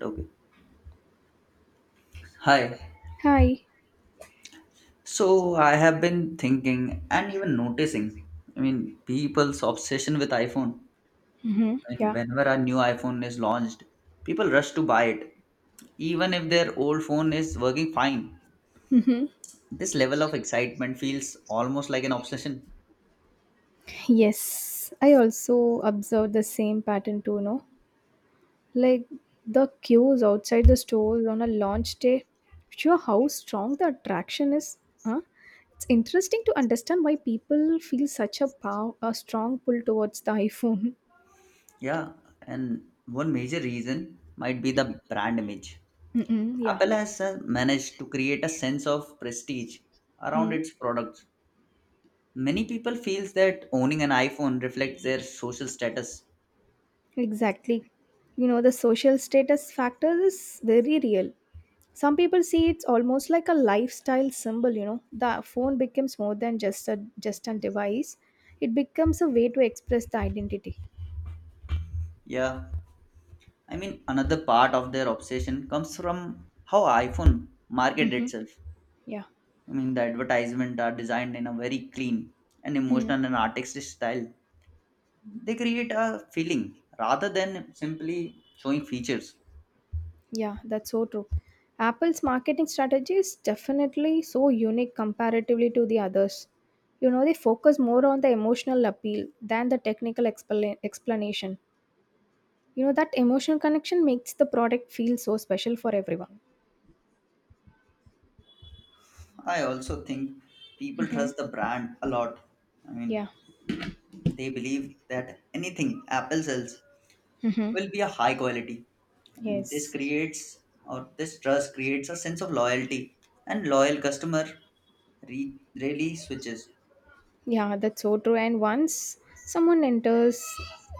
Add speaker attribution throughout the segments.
Speaker 1: Okay. Hi.
Speaker 2: Hi.
Speaker 1: So I have been thinking and even noticing, people's obsession with iPhone.
Speaker 2: Mm-hmm. Yeah.
Speaker 1: Whenever a new iPhone is launched, people rush to buy it, even if their old phone is working fine.
Speaker 2: Mm-hmm.
Speaker 1: This level of excitement feels almost like an obsession.
Speaker 2: Yes, I also observed the same pattern too, no? Like the queues outside the stores on a launch day. Sure, how strong the attraction is, huh? It's interesting to understand why people feel such a a strong pull towards the iPhone.
Speaker 1: Yeah. And one major reason might be the brand image.
Speaker 2: Mm-mm. Yeah.
Speaker 1: Apple has managed to create a sense of prestige around
Speaker 2: Mm-hmm.
Speaker 1: its products. Many people feels that owning an iPhone reflects their social status.
Speaker 2: Exactly. You know, the social status factor is very real. Some people see it's almost like a lifestyle symbol. The phone becomes more than just a device. It becomes a way to express the identity.
Speaker 1: Yeah. Another part of their obsession comes from how iPhone market
Speaker 2: Mm-hmm.
Speaker 1: itself.
Speaker 2: Yeah.
Speaker 1: The advertisement are designed in a very clean and
Speaker 2: Mm.
Speaker 1: emotional and artistic style. They create a feeling rather than simply showing features.
Speaker 2: Yeah, that's so true. Apple's marketing strategy is definitely so unique comparatively to the others. You know, they focus more on the emotional appeal than the technical explanation. You know, that emotional connection makes the product feel so special for everyone.
Speaker 1: I also think people trust the brand a lot. I mean,
Speaker 2: Yeah.
Speaker 1: they believe that anything Apple sells
Speaker 2: Mm-hmm.
Speaker 1: will be a high quality. This
Speaker 2: Yes.
Speaker 1: creates or this trust creates a sense of loyalty, and loyal customer really switches.
Speaker 2: Yeah, that's so true. And once someone enters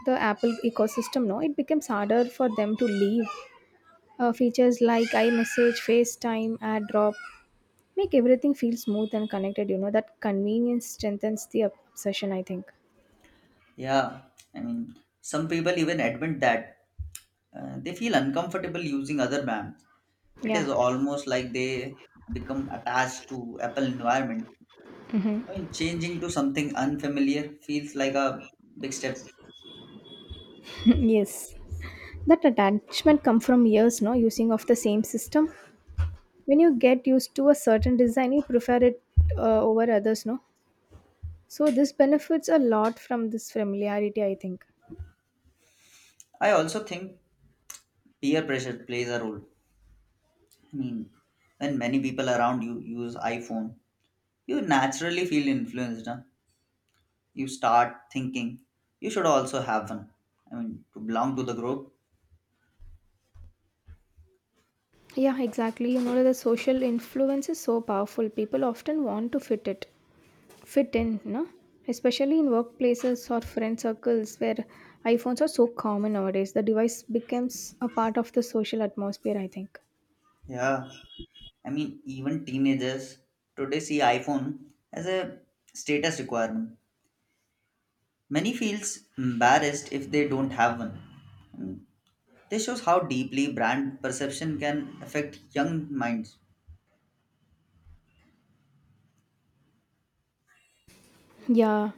Speaker 2: the Apple ecosystem, no, it becomes harder for them to leave. Features like iMessage, FaceTime, AirDrop make everything feel smooth and connected. You know that convenience strengthens the obsession, I think.
Speaker 1: Yeah, I mean, some people even admit that they feel uncomfortable using other brands. It
Speaker 2: Yeah.
Speaker 1: is almost like they become attached to Apple environment. I mean, changing to something unfamiliar feels like a big step.
Speaker 2: Yes. That attachment come from years, no, using of the same system. When you get used to a certain design, you prefer it over others, no. So this benefits a lot from this familiarity, I think.
Speaker 1: I also think peer pressure plays a role. I mean, when many people around you use iPhone, you naturally feel influenced. Huh? You start thinking you should also have one. I mean, to belong to the group.
Speaker 2: Yeah, exactly. You know that the social influence is so powerful. People often want to fit in, no? Especially in workplaces or friend circles where iPhones are so common nowadays. The device becomes a part of the social atmosphere, I think.
Speaker 1: Yeah. I mean, even teenagers today see iPhone as a status requirement. Many feels embarrassed if they don't have one. Mm. This shows how deeply brand perception can affect young minds.
Speaker 2: Yeah,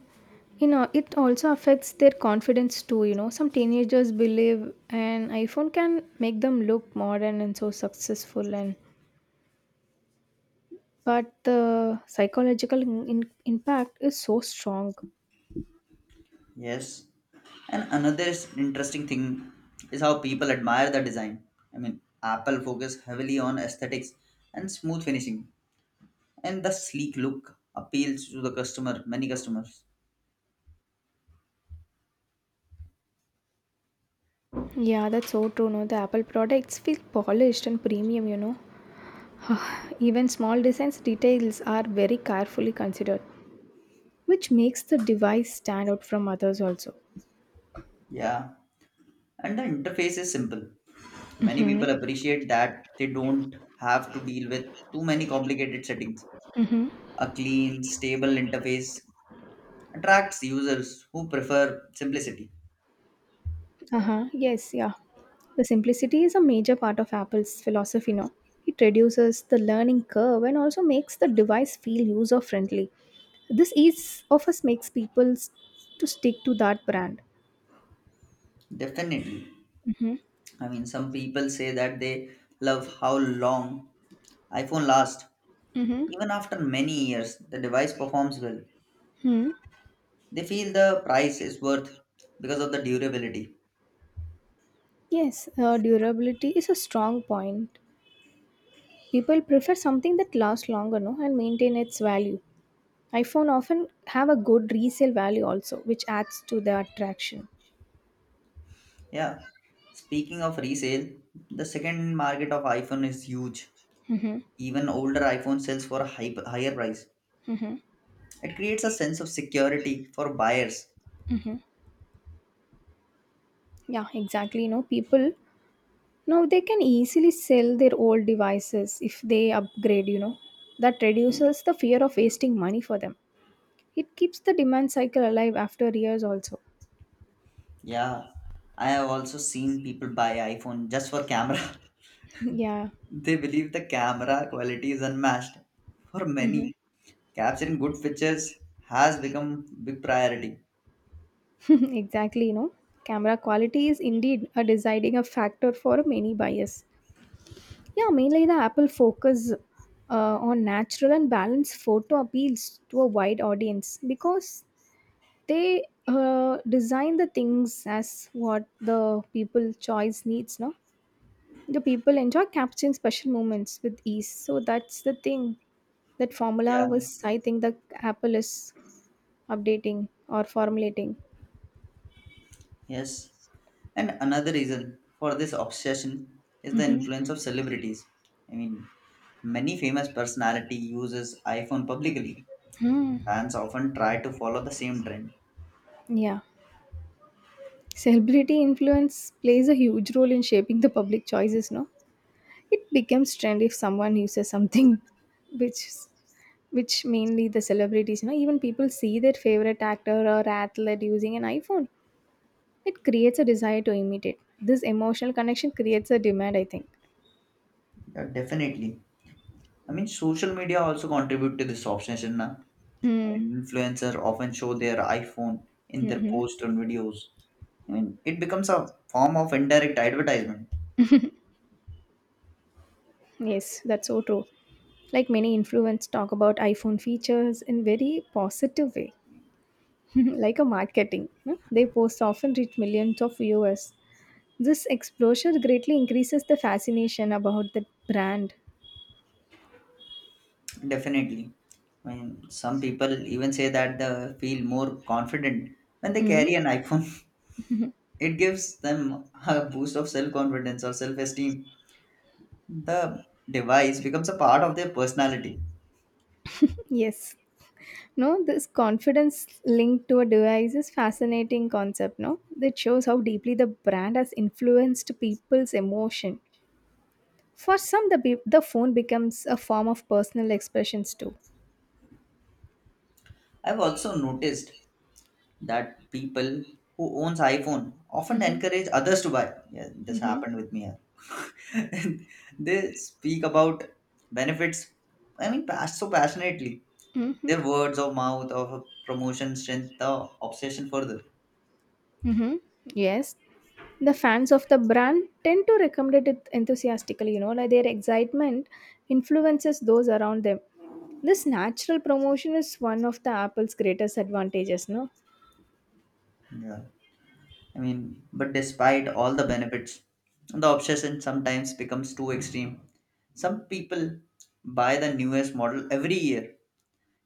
Speaker 2: you know it also affects their confidence too. You know, some teenagers believe an iPhone can make them look modern and so successful, and but the psychological impact is so strong.
Speaker 1: Yes. And another interesting thing is how people admire the design. I mean, Apple focus heavily on aesthetics and smooth finishing, and the sleek look appeals to the customer, many customers.
Speaker 2: Yeah, that's so true. No, the Apple products feel polished and premium, you know. Even small designs details are very carefully considered, which makes the device stand out from others also.
Speaker 1: Yeah. And the interface is simple. Many people appreciate that they don't have to deal with too many complicated settings. A clean, stable interface attracts users who prefer simplicity.
Speaker 2: Uh-huh. Yes, yeah. The simplicity is a major part of Apple's philosophy now. It reduces the learning curve and also makes the device feel user friendly. This ease of us makes to stick to that brand.
Speaker 1: Definitely.
Speaker 2: Mm-hmm.
Speaker 1: I mean, some people say that they love how long iPhone lasts.
Speaker 2: Mm-hmm.
Speaker 1: Even after many years, the device performs well.
Speaker 2: Hmm.
Speaker 1: They feel the price is worth because of the durability.
Speaker 2: Yes, durability is a strong point. People prefer something that lasts longer no, and maintain its value. iPhone often have a good resale value also, which adds to the attraction.
Speaker 1: Yeah. Speaking of resale, the second market of iPhone is huge.
Speaker 2: Mm-hmm,
Speaker 1: Even older iPhone sells for a high, higher price.
Speaker 2: mm-hmm.
Speaker 1: It creates a sense of security for buyers.
Speaker 2: Mm-hmm. Yeah, exactly. You know, people now they can easily sell their old devices if they upgrade. You know, that reduces the fear of wasting money for them. It keeps the demand cycle alive after years also.
Speaker 1: Yeah. I have also seen people buy iPhone just for camera.
Speaker 2: Yeah.
Speaker 1: They believe the camera quality is unmatched for
Speaker 2: Mm-hmm.
Speaker 1: many. Capturing good pictures has become big priority.
Speaker 2: Exactly. You know, camera quality is indeed a deciding a factor for many buyers. Yeah, mainly the Apple focus on natural and balanced photo appeals to a wide audience because they design the things as what the people choice needs. No, the people enjoy capturing special moments with ease. So that's the thing. That formula
Speaker 1: Yeah.
Speaker 2: was, I think, that Apple is updating or formulating.
Speaker 1: Yes. And another reason for this obsession is the
Speaker 2: Hmm.
Speaker 1: influence of celebrities. I mean, many famous personality uses iPhone publicly.
Speaker 2: Hmm.
Speaker 1: Fans often try to follow the same trend.
Speaker 2: Yeah. Celebrity influence plays a huge role in shaping the public choices, no? It becomes trend if someone uses something which s- which mainly the celebrities, you know, even people see their favorite actor or athlete using an iPhone. It creates a desire to imitate. This emotional connection creates a demand, I think.
Speaker 1: Yeah, definitely. I mean, social media also contribute to this obsession. Na? I
Speaker 2: Mm,
Speaker 1: mean, influencers often show their iPhone in their
Speaker 2: mm-hmm.
Speaker 1: posts and videos. I mean, it becomes a form of indirect advertisement.
Speaker 2: Yes, that's so true. Like many influencers talk about iPhone features in very positive way, like a marketing, no? They post often reach millions of viewers. This exposure greatly increases the fascination about the brand.
Speaker 1: Definitely. I mean, some people even say that they feel more confident when they
Speaker 2: Mm.
Speaker 1: carry an iPhone. It gives them a boost of self confidence or self esteem. The device becomes a part of their personality.
Speaker 2: Yes. No, this confidence linked to a device is fascinating concept, no? That shows how deeply the brand has influenced people's emotion. For some, the phone becomes a form of personal expressions too.
Speaker 1: I've also noticed that people who owns iPhone often
Speaker 2: Mm-hmm.
Speaker 1: encourage others to buy. Yeah, this
Speaker 2: Mm-hmm.
Speaker 1: happened with me. They speak about benefits. I mean, so passionately
Speaker 2: Mm-hmm.
Speaker 1: their words of mouth of promotion strength the obsession further.
Speaker 2: Mm-hmm. Yes. The fans of the brand tend to recommend it enthusiastically, you know, like their excitement influences those around them. This natural promotion is one of the Apple's greatest advantages, no?
Speaker 1: Yeah. I mean, but despite all the benefits, the obsession sometimes becomes too extreme. Some people buy the newest model every year,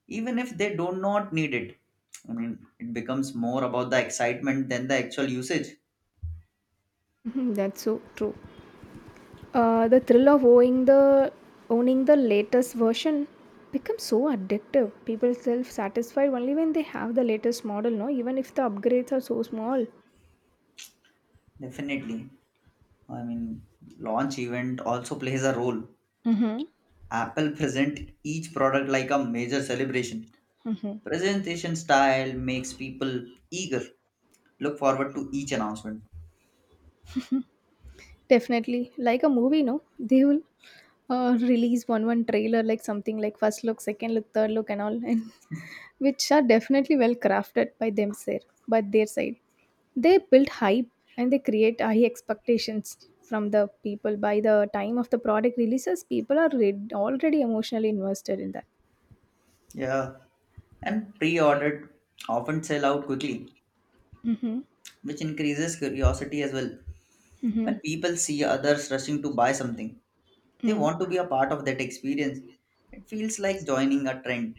Speaker 1: even if they do not need it. I mean, it becomes more about the excitement than the actual usage.
Speaker 2: Mhm. That's so true. The thrill of owning the latest version becomes so addictive. People self satisfied only when they have the latest model, no? Even if the upgrades are so small.
Speaker 1: Definitely. I mean, launch event also plays a role.
Speaker 2: Mm-hmm.
Speaker 1: Apple present each product like a major celebration.
Speaker 2: Mm-hmm.
Speaker 1: Presentation style makes people eager, look forward to each announcement.
Speaker 2: Definitely, like a movie, no? They will release one trailer like something like first look, second look, third look, and all, and which are definitely well crafted by them sir, by their side. They build hype and they create high expectations from the people. By the time of the product releases, people are already emotionally invested in that.
Speaker 1: Yeah, and pre-ordered often sell out quickly,
Speaker 2: Mm-hmm.
Speaker 1: which increases curiosity as well.
Speaker 2: Mm-hmm.
Speaker 1: When people see others rushing to buy something, they
Speaker 2: Mm.
Speaker 1: want to be a part of that experience. It feels like joining a trend.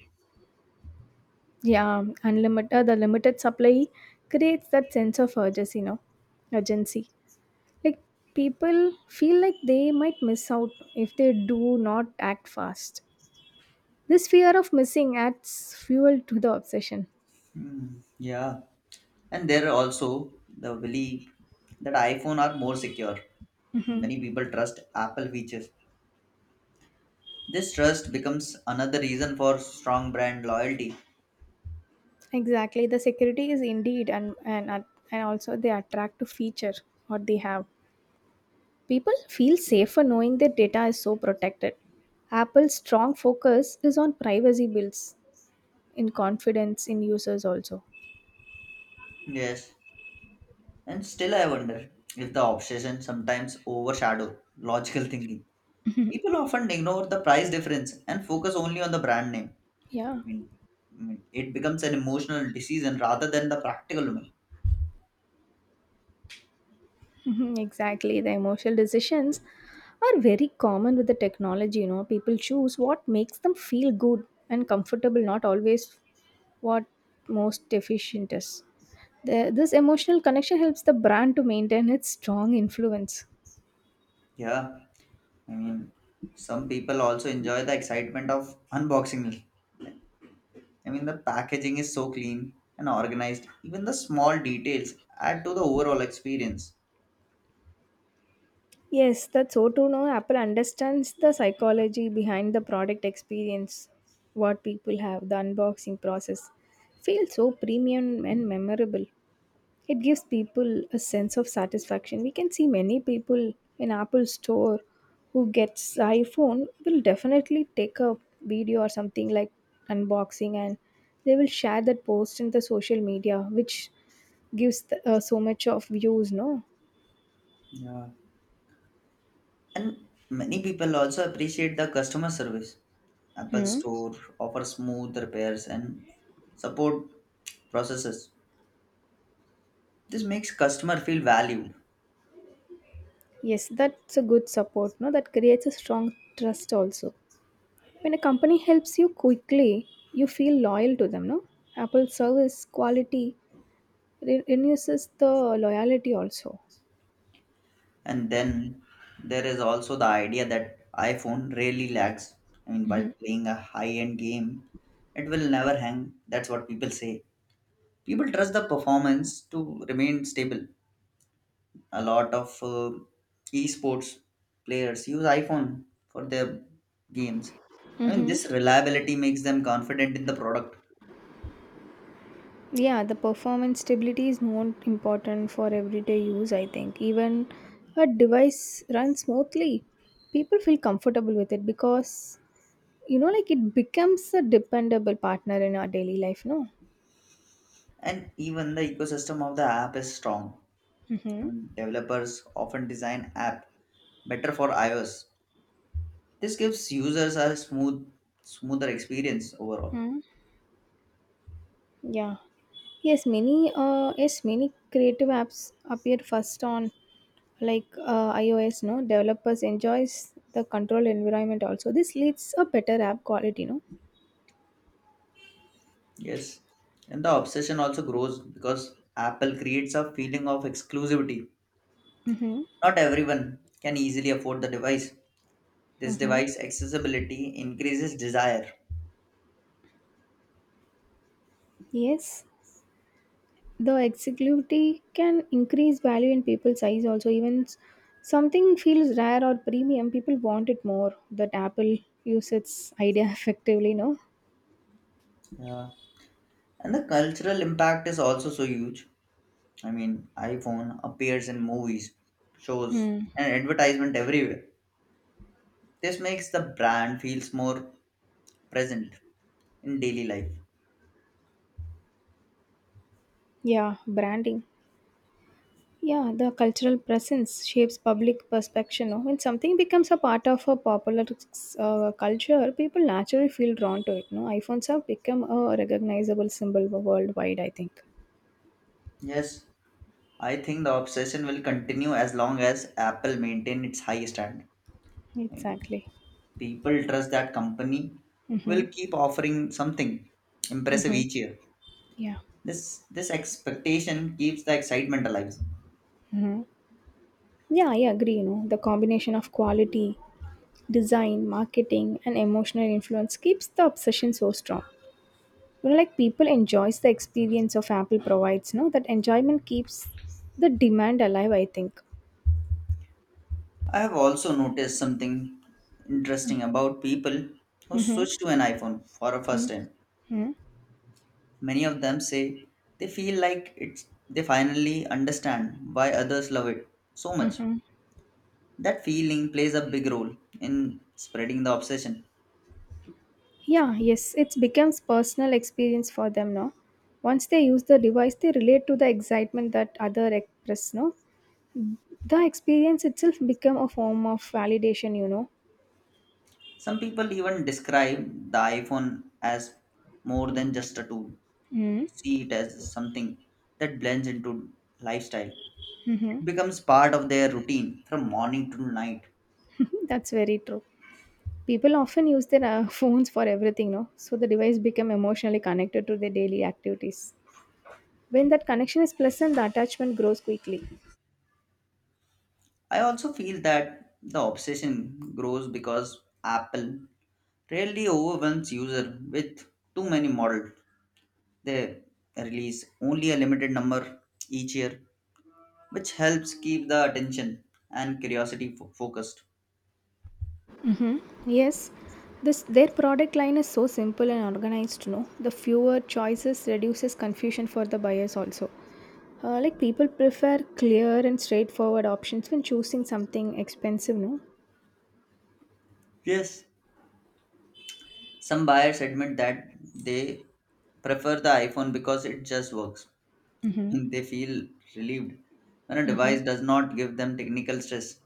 Speaker 2: Yeah, unlimited. The limited supply creates that sense of urgency, you know, urgency. Like people feel like they might miss out if they do not act fast. This fear of missing adds fuel to the obsession.
Speaker 1: Hmm, yeah, and there are also the belief that iPhone are more secure.
Speaker 2: Hmm.
Speaker 1: Many people trust Apple features. This trust becomes another reason for strong brand loyalty.
Speaker 2: Exactly. The security is indeed, and also they attract to feature what they have. People feel safer knowing their data is so protected. Apple's strong focus is on privacy builds in confidence in users also.
Speaker 1: Yes, and still I wonder if the obsession sometimes overshadow logical thinking. People often ignore the price difference and focus only on the brand name.
Speaker 2: Yeah.
Speaker 1: Mean, I mean, it becomes an emotional decision rather than the practical one.
Speaker 2: Mhm, exactly. The emotional decisions are very common with the technology. You know, people choose what makes them feel good and comfortable, not always what most efficient is. This emotional connection helps the brand to maintain its strong influence.
Speaker 1: Yeah, I mean, some people also enjoy the excitement of unboxing. I mean, the packaging is so clean and organized. Even the small details add to the overall experience.
Speaker 2: Yes, that's so true. No, Apple understands the psychology behind the product experience, what people have, the unboxing process. Feels so premium and memorable. It gives people a sense of satisfaction. We can see many people in Apple store who gets iPhone will definitely take a video or something like unboxing and they will share that post in the social media which gives the, so much of views no.
Speaker 1: Yeah. And many people also appreciate the customer service. Apple
Speaker 2: Hmm.
Speaker 1: Store offers smooth repairs and support processes. This makes customer feel valued.
Speaker 2: Yes, that's a good support, no? That creates a strong trust also. When a company helps you quickly, you feel loyal to them, no? Apple service quality reduces the loyalty also.
Speaker 1: And then there is also the idea that iPhone really lags. I mean, while playing a high-end game, it will never hang. That's what people say. People trust the performance to remain stable. A lot of esports players use iPhone for their games. I mean,
Speaker 2: Mm-hmm.
Speaker 1: this reliability makes them confident in the product.
Speaker 2: Yeah, the performance stability is more important for everyday use, I think. Even a device runs smoothly. People feel comfortable with it because, you know, like it becomes a dependable partner in our daily life, no?
Speaker 1: And even the ecosystem of the app is strong. I
Speaker 2: Mm-hmm.
Speaker 1: mean, developers often design app better for iOS. This gives users a smoother experience overall.
Speaker 2: Hmm. Yeah. Yes, many creative apps appear first on like iOS, no? Developers enjoys the control environment also. This leads a better app quality, no?
Speaker 1: Yes, and the obsession also grows because Apple creates a feeling of exclusivity.
Speaker 2: Mm-hmm.
Speaker 1: Not everyone can easily afford the device. This
Speaker 2: Mm-hmm.
Speaker 1: device accessibility increases desire.
Speaker 2: Yes. The exiguity can increase value in people's eyes also even something feels rare or premium people want it more that apple use its idea effectively no.
Speaker 1: Yeah. And the cultural impact is also so huge. I mean, iPhone appears in movies, shows,
Speaker 2: Mm.
Speaker 1: and advertisement everywhere. This makes the brand feels more present in daily life.
Speaker 2: Yeah, branding. Yeah, the cultural presence shapes public perception, no? When something becomes a part of a popular culture people naturally feel drawn to it, no. iPhones have become a recognizable symbol worldwide, I think.
Speaker 1: Yes, I think the obsession will continue as long as Apple maintain its high standard. I mean,
Speaker 2: Exactly.
Speaker 1: people trust that company will
Speaker 2: Mm-hmm.
Speaker 1: keep offering something impressive
Speaker 2: Mm-hmm.
Speaker 1: each year.
Speaker 2: Yeah.
Speaker 1: This expectation keeps the excitement alive.
Speaker 2: Mm-hmm. Yeah, I agree. You know, the combination of quality, design, marketing, and emotional influence keeps the obsession so strong. You know, like people enjoys the experience of Apple provides. No, that enjoyment keeps the demand alive, I think.
Speaker 1: I have also noticed something interesting about people who
Speaker 2: Mm-hmm.
Speaker 1: switch to an iPhone for a first time.
Speaker 2: Mm-hmm.
Speaker 1: Many of them say they feel like it's they finally understand why others love it so much.
Speaker 2: Mm-hmm.
Speaker 1: That feeling plays a big role in spreading the obsession.
Speaker 2: Yeah. Yes, it becomes personal experience for them. No, once they use the device, they relate to the excitement that other express. No, the experience itself become a form of validation, you know.
Speaker 1: Some people even describe the iPhone as more than just a tool.
Speaker 2: Mm-hmm.
Speaker 1: See it as something that blends into lifestyle. It becomes part of their routine from morning to night.
Speaker 2: That's very true. People often use their phones for everything, no? So the device become emotionally connected to their daily activities. When that connection is pleasant, the attachment grows quickly.
Speaker 1: I also feel that the obsession grows because Apple rarely overwhelms user with too many models. They release only a limited number each year, which helps keep the attention and curiosity focused.
Speaker 2: Yes, this their product line is so simple and organized, no? The fewer choices reduces confusion for the buyers also. Like people prefer clear and straightforward options when choosing something expensive, no?
Speaker 1: Yes, some buyers admit that they prefer the iPhone because it just works. They feel relieved when a
Speaker 2: Mm-hmm.
Speaker 1: device does not give them technical stress.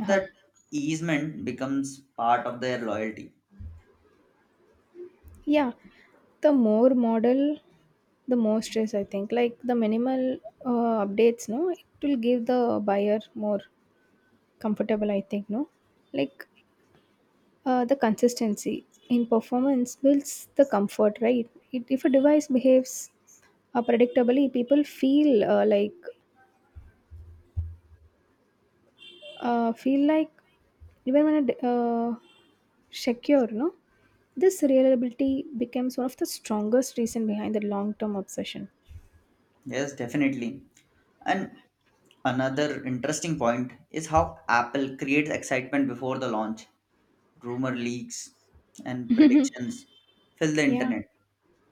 Speaker 2: Uh-huh.
Speaker 1: That easement becomes part of their loyalty.
Speaker 2: Yeah, the more model, the more stress I think. Like the minimal updates, no, it will give the buyer more comfortable. I think, no, like the consistency in performance builds the comfort, right? It, if a device behaves predictably, people feel feel like even when it secure, no, this reliability becomes one of the strongest reason behind the long term obsession.
Speaker 1: Yes, definitely. And another interesting point is how Apple creates excitement before the launch. Rumor leaks and predictions fill the
Speaker 2: Yeah.
Speaker 1: internet.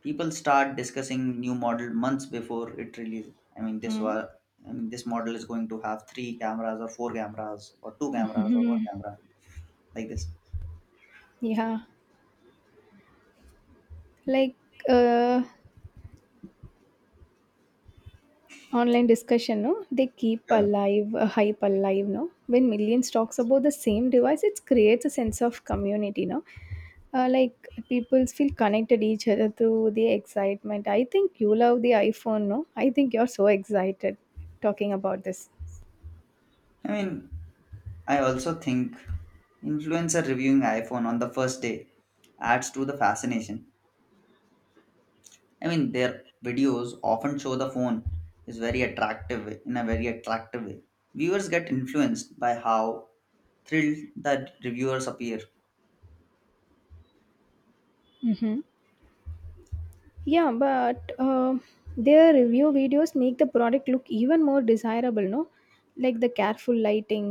Speaker 1: People start discussing new model months before it releases. I mean, this
Speaker 2: Mm.
Speaker 1: was. I mean, this model is going to have three cameras or four cameras or two cameras or one camera like this.
Speaker 2: Yeah, like uh, online discussion, no? They keep
Speaker 1: Yeah.
Speaker 2: alive, hype alive, no? When millions talks about the same device, it creates a sense of community, no? Like people feel connected each other through the excitement. I think you love the iPhone, no? I think you're so excited talking about this.
Speaker 1: I mean, I also think influencer reviewing iPhone on the first day adds to the fascination. I mean, their videos often show the phone is very in a very attractive way. Viewers get influenced by how thrilled that reviewers appear.
Speaker 2: Mm-hmm. Yeah, but their review videos make the product look even more desirable, no? Like the careful lighting,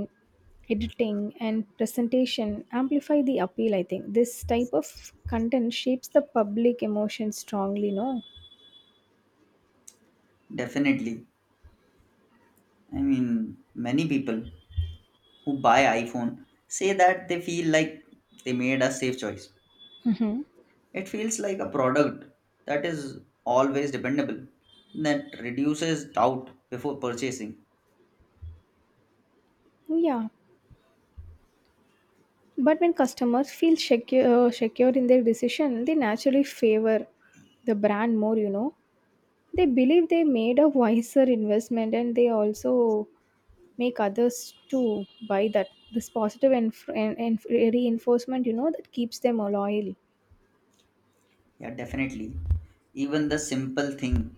Speaker 2: editing, and presentation amplify the appeal, I think. This type of content shapes the public emotion strongly, no?
Speaker 1: Definitely, I mean, many people who buy iPhone say that they feel like they made a safe choice.
Speaker 2: Mm-hmm.
Speaker 1: It feels like a product that is always dependable, that reduces doubt before purchasing.
Speaker 2: Yeah. But when customers feel secure in their decision, they naturally favor the brand more, you know. They believe they made a wiser investment, and they also make others to buy that. This positive and reinforcement, that keeps them loyal.
Speaker 1: Yeah, definitely. Even the simple thing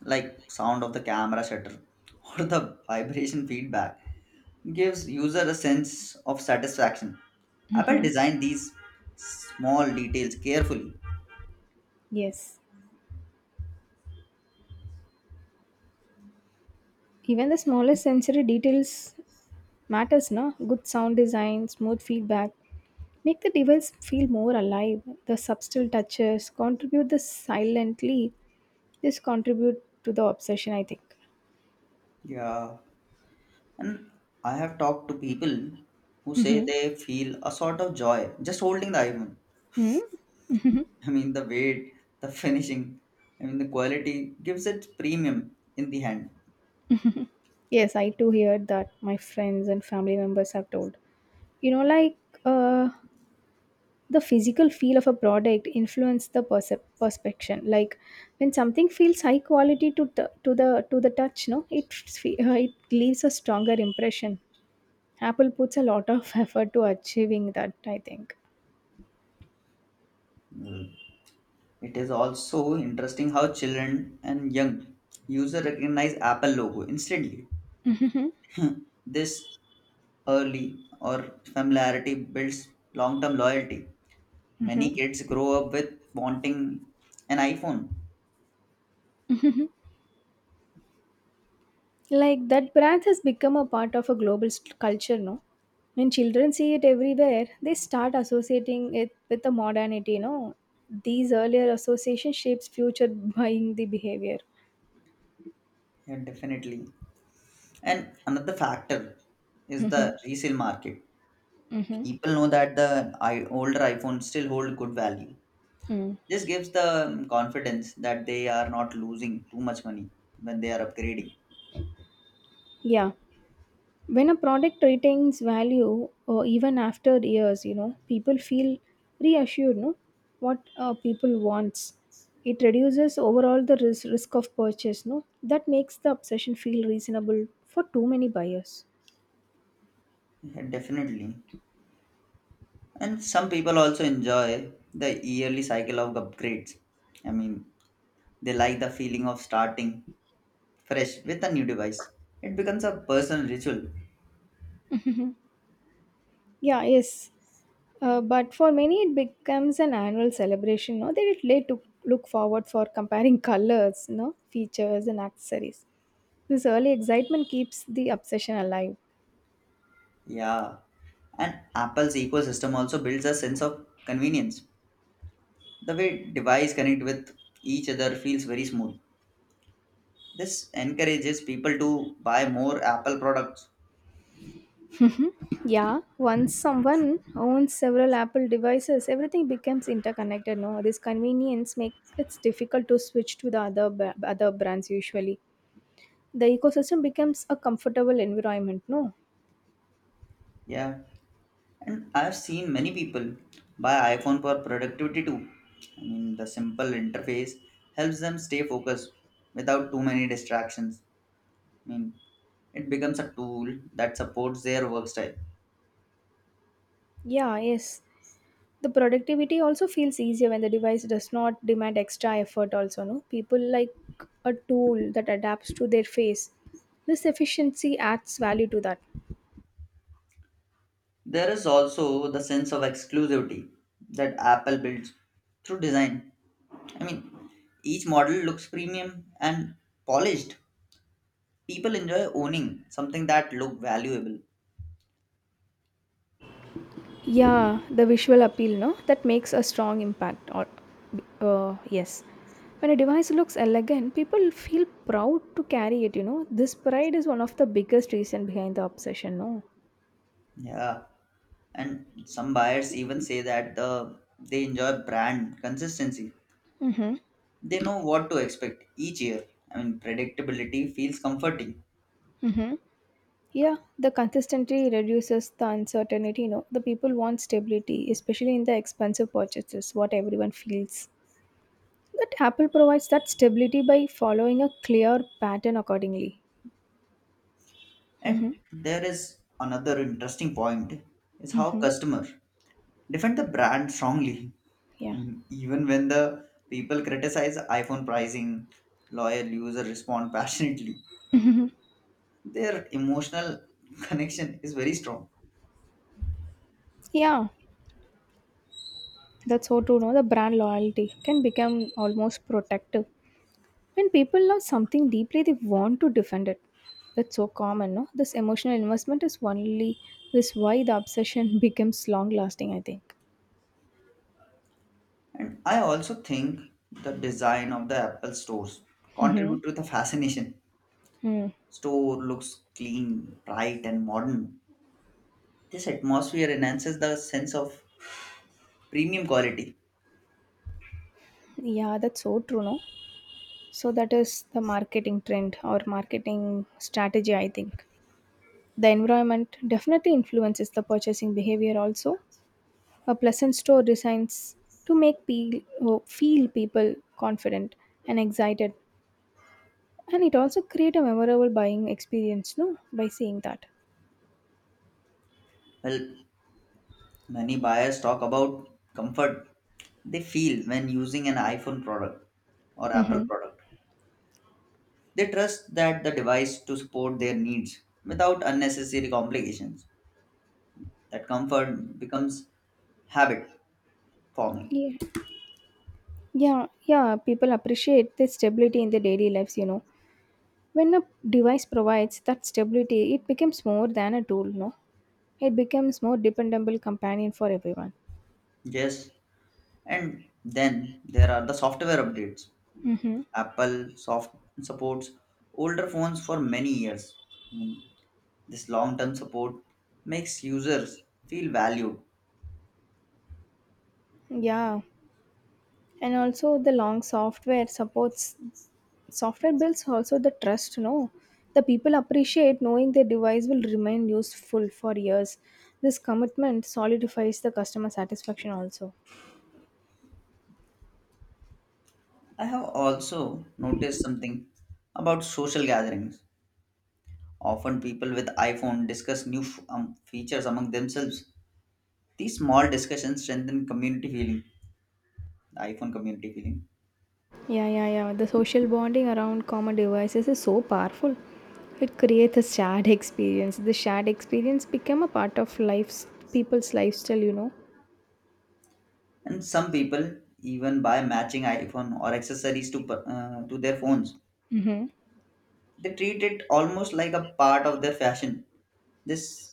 Speaker 1: like sound of the camera shutter or the vibration feedback gives user a sense of satisfaction. Apple
Speaker 2: Hmm.
Speaker 1: designed these small details carefully.
Speaker 2: Yes, even the smallest sensory details matters, no? Good sound design, smooth feedback make the device feel more alive. The subtle touches contribute this silently. This contribute to the obsession, I think.
Speaker 1: Yeah. And I have talked to people who say
Speaker 2: Mm-hmm.
Speaker 1: they feel a sort of joy just holding the iPhone.
Speaker 2: Hmm.
Speaker 1: The weight, the finishing, I mean, the quality gives it premium in the hand.
Speaker 2: Yes, I too hear that my friends and family members have told, you know, like, uh the physical feel of a product influence the perception. Like, when something feels high quality to the to the to the touch, no, it leaves a stronger impression. Apple puts a lot of effort to achieving that, I think.
Speaker 1: Mm. It is also interesting how children and young user recognize Apple logo instantly. This early or familiarity builds long-term loyalty. Many
Speaker 2: Hmm.
Speaker 1: kids grow up with wanting an iPhone.
Speaker 2: Like, that brand has become a part of a global culture, no? When children see it everywhere, they start associating it with the modernity, you know. These earlier association shapes future buying the behavior.
Speaker 1: Yeah, definitely. And another factor is
Speaker 2: Mm-hmm.
Speaker 1: the resale market.
Speaker 2: Mm-hmm.
Speaker 1: People know that the older iPhones still hold good value.
Speaker 2: Hmm.
Speaker 1: This gives the confidence that they are not losing too much money when they are upgrading.
Speaker 2: Yeah, when a product retains value, even after years, you know, people feel reassured, no? What people wants, it reduces overall the risk of purchase, no? That makes the obsession feel reasonable for too many buyers.
Speaker 1: Yeah, definitely. And some people also enjoy the yearly cycle of upgrades. I mean, they like the feeling of starting fresh with a new device. It becomes a personal ritual.
Speaker 2: Yeah, yes. But for many, it becomes an annual celebration, no? They it late to look forward for comparing colors, no, features and accessories. This early excitement keeps the obsession alive.
Speaker 1: Yeah. And Apple's ecosystem also builds a sense of convenience. The way device connect with each other feels very smooth. This encourages people to buy more Apple products.
Speaker 2: Yeah, once someone owns several Apple devices, everything becomes interconnected. No, this convenience makes it difficult to switch to the other brands. Usually, the ecosystem becomes a comfortable environment. No,
Speaker 1: Yeah. And I've seen many people buy iPhone for productivity too. I mean, the simple interface helps them stay focused without too many distractions. I mean, it becomes a tool that supports their work style.
Speaker 2: yeah, yes. The productivity also feels easier when the device does not demand extra effort. Also, no, people like a tool that adapts to their face. This efficiency adds value to that.
Speaker 1: There is also the sense of exclusivity that Apple builds through design. I mean, each model looks premium and polished. People enjoy owning something that look valuable.
Speaker 2: Yeah, the visual appeal, no? That makes a strong impact. Or, yes. When a device looks elegant, people feel proud to carry it, you know? This pride is one of the biggest reason behind the obsession, no?
Speaker 1: Yeah, and some buyers even say that the they enjoy brand consistency.
Speaker 2: Mm-hmm.
Speaker 1: They know what to expect each year. I mean, predictability feels comforting.
Speaker 2: Mm-hmm. Yeah, the consistency reduces the uncertainty, you know? The people want stability, especially in the expensive purchases, what everyone feels. That Apple provides that stability by following a clear pattern accordingly. Mm-hmm.
Speaker 1: And there is another interesting point is how
Speaker 2: Mm-hmm.
Speaker 1: customer defend the brand strongly.
Speaker 2: Yeah.
Speaker 1: And even when the people criticize iPhone pricing, loyal users respond passionately. Their emotional connection is very strong.
Speaker 2: Yeah, that's so true. No, the brand loyalty can become almost protective. When people love something deeply, they want to defend it. That's so common, no? This emotional investment is only this why the obsession becomes long lasting, I think.
Speaker 1: And I also think the design of the Apple stores
Speaker 2: Mm-hmm.
Speaker 1: contribute to the fascination.
Speaker 2: Hmm.
Speaker 1: Store looks clean, bright, and modern. This atmosphere enhances the sense of premium quality.
Speaker 2: Yeah, that's so true, no? So that is the marketing trend or marketing strategy, I think. The environment definitely influences the purchasing behavior also. A pleasant store designs to make oh, feel people confident and excited, and it also create a memorable buying experience. No, by saying that.
Speaker 1: Well, many buyers talk about comfort they feel when using an iPhone product or Apple
Speaker 2: Mm-hmm.
Speaker 1: product. They trust that the device to support their needs without unnecessary complications. That comfort becomes habit forming.
Speaker 2: Yeah, yeah, yeah. People appreciate the stability in their daily lives. You know, when a device provides that stability, it becomes more than a tool. No, it becomes more dependable companion for everyone.
Speaker 1: Yes. And then there are the software updates.
Speaker 2: Mm-hmm.
Speaker 1: Apple soft supports older phones for many years. Mm. This long-term support makes users feel valued.
Speaker 2: Yeah, and also the long software supports software builds also the trust, no? The people appreciate knowing their device will remain useful for years. This commitment solidifies the customer satisfaction also.
Speaker 1: I have also noticed something about social gatherings. Often people with iPhone discuss new features among themselves. These small discussions strengthen community feeling, the iPhone community feeling.
Speaker 2: Yeah, yeah, yeah, the social bonding around common devices is so powerful. It creates a shared experience. The shared experience become a part of life's people's lifestyle, you know.
Speaker 1: And some people even buy matching iPhone or accessories to their phones.
Speaker 2: Hmm.
Speaker 1: They treat it almost like a part of their fashion. This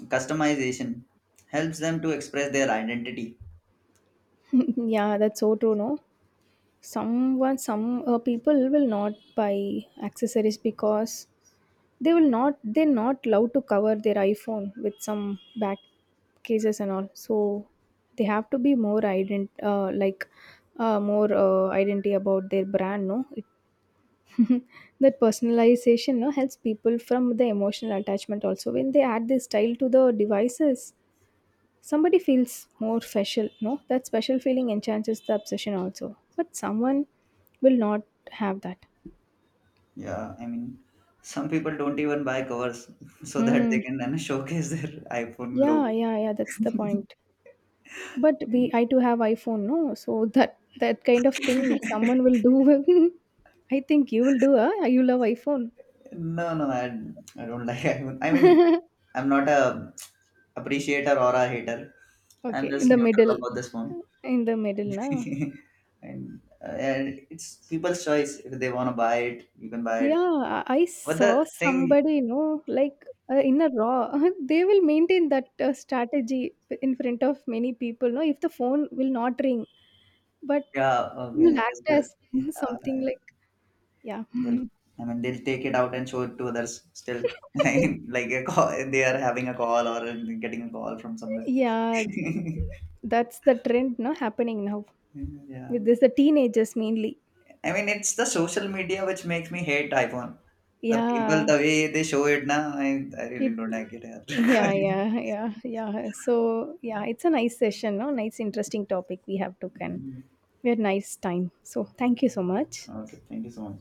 Speaker 1: customization helps them to express their identity.
Speaker 2: Yeah, that's so true. No, someone, some people will not buy accessories because they will not they're not allowed to cover their iPhone with some back cases and all. So they have to be more ident like, more identity about their brand, no? It, that personalization, no, helps people from the emotional attachment also. When they add this style to the devices, somebody feels more special, no? That special feeling enhances the obsession also. But someone will not have that.
Speaker 1: Yeah, I mean, some people don't even buy covers so that they
Speaker 2: Mm.
Speaker 1: can then showcase their iPhone logo.
Speaker 2: Yeah, yeah, yeah. That's the point. But we I do have iPhone, no? So that kind of thing someone will do. I think you will do, huh? You love iPhone.
Speaker 1: No, I don't like iPhone. I mean, I'm not a appreciator or a hater.
Speaker 2: Okay,
Speaker 1: I'm
Speaker 2: in
Speaker 1: just
Speaker 2: the
Speaker 1: neutral
Speaker 2: middle.
Speaker 1: about this phone.
Speaker 2: In the middle, na?
Speaker 1: And, and it's people's choice if they want to buy it, you can buy
Speaker 2: Yeah,
Speaker 1: it.
Speaker 2: I
Speaker 1: But
Speaker 2: saw
Speaker 1: the thing.
Speaker 2: somebody, you know, like, in a raw, they will maintain that strategy in front of many people, no? If the phone will not ring, but it
Speaker 1: Yeah,
Speaker 2: will
Speaker 1: okay, that's
Speaker 2: act
Speaker 1: good.
Speaker 2: as
Speaker 1: Uh,
Speaker 2: something like, yeah.
Speaker 1: they'll, I mean, they'll take it out and show it to others still. Like a call, they are having a call or getting a call from somewhere.
Speaker 2: Yeah, that's the trend, no? Happening now
Speaker 1: Yeah.
Speaker 2: with this, the teenagers mainly.
Speaker 1: I mean, it's the social media which makes me hate iPhone. The people,
Speaker 2: Yeah,
Speaker 1: the way they show it now, I really
Speaker 2: it
Speaker 1: don't like it. Yeah.
Speaker 2: yeah, yeah, yeah, yeah. So yeah, it's a nice session, no? Nice interesting topic we have taken.
Speaker 1: Mm.
Speaker 2: We had nice time. So thank you so much.
Speaker 1: Okay, thank you so much.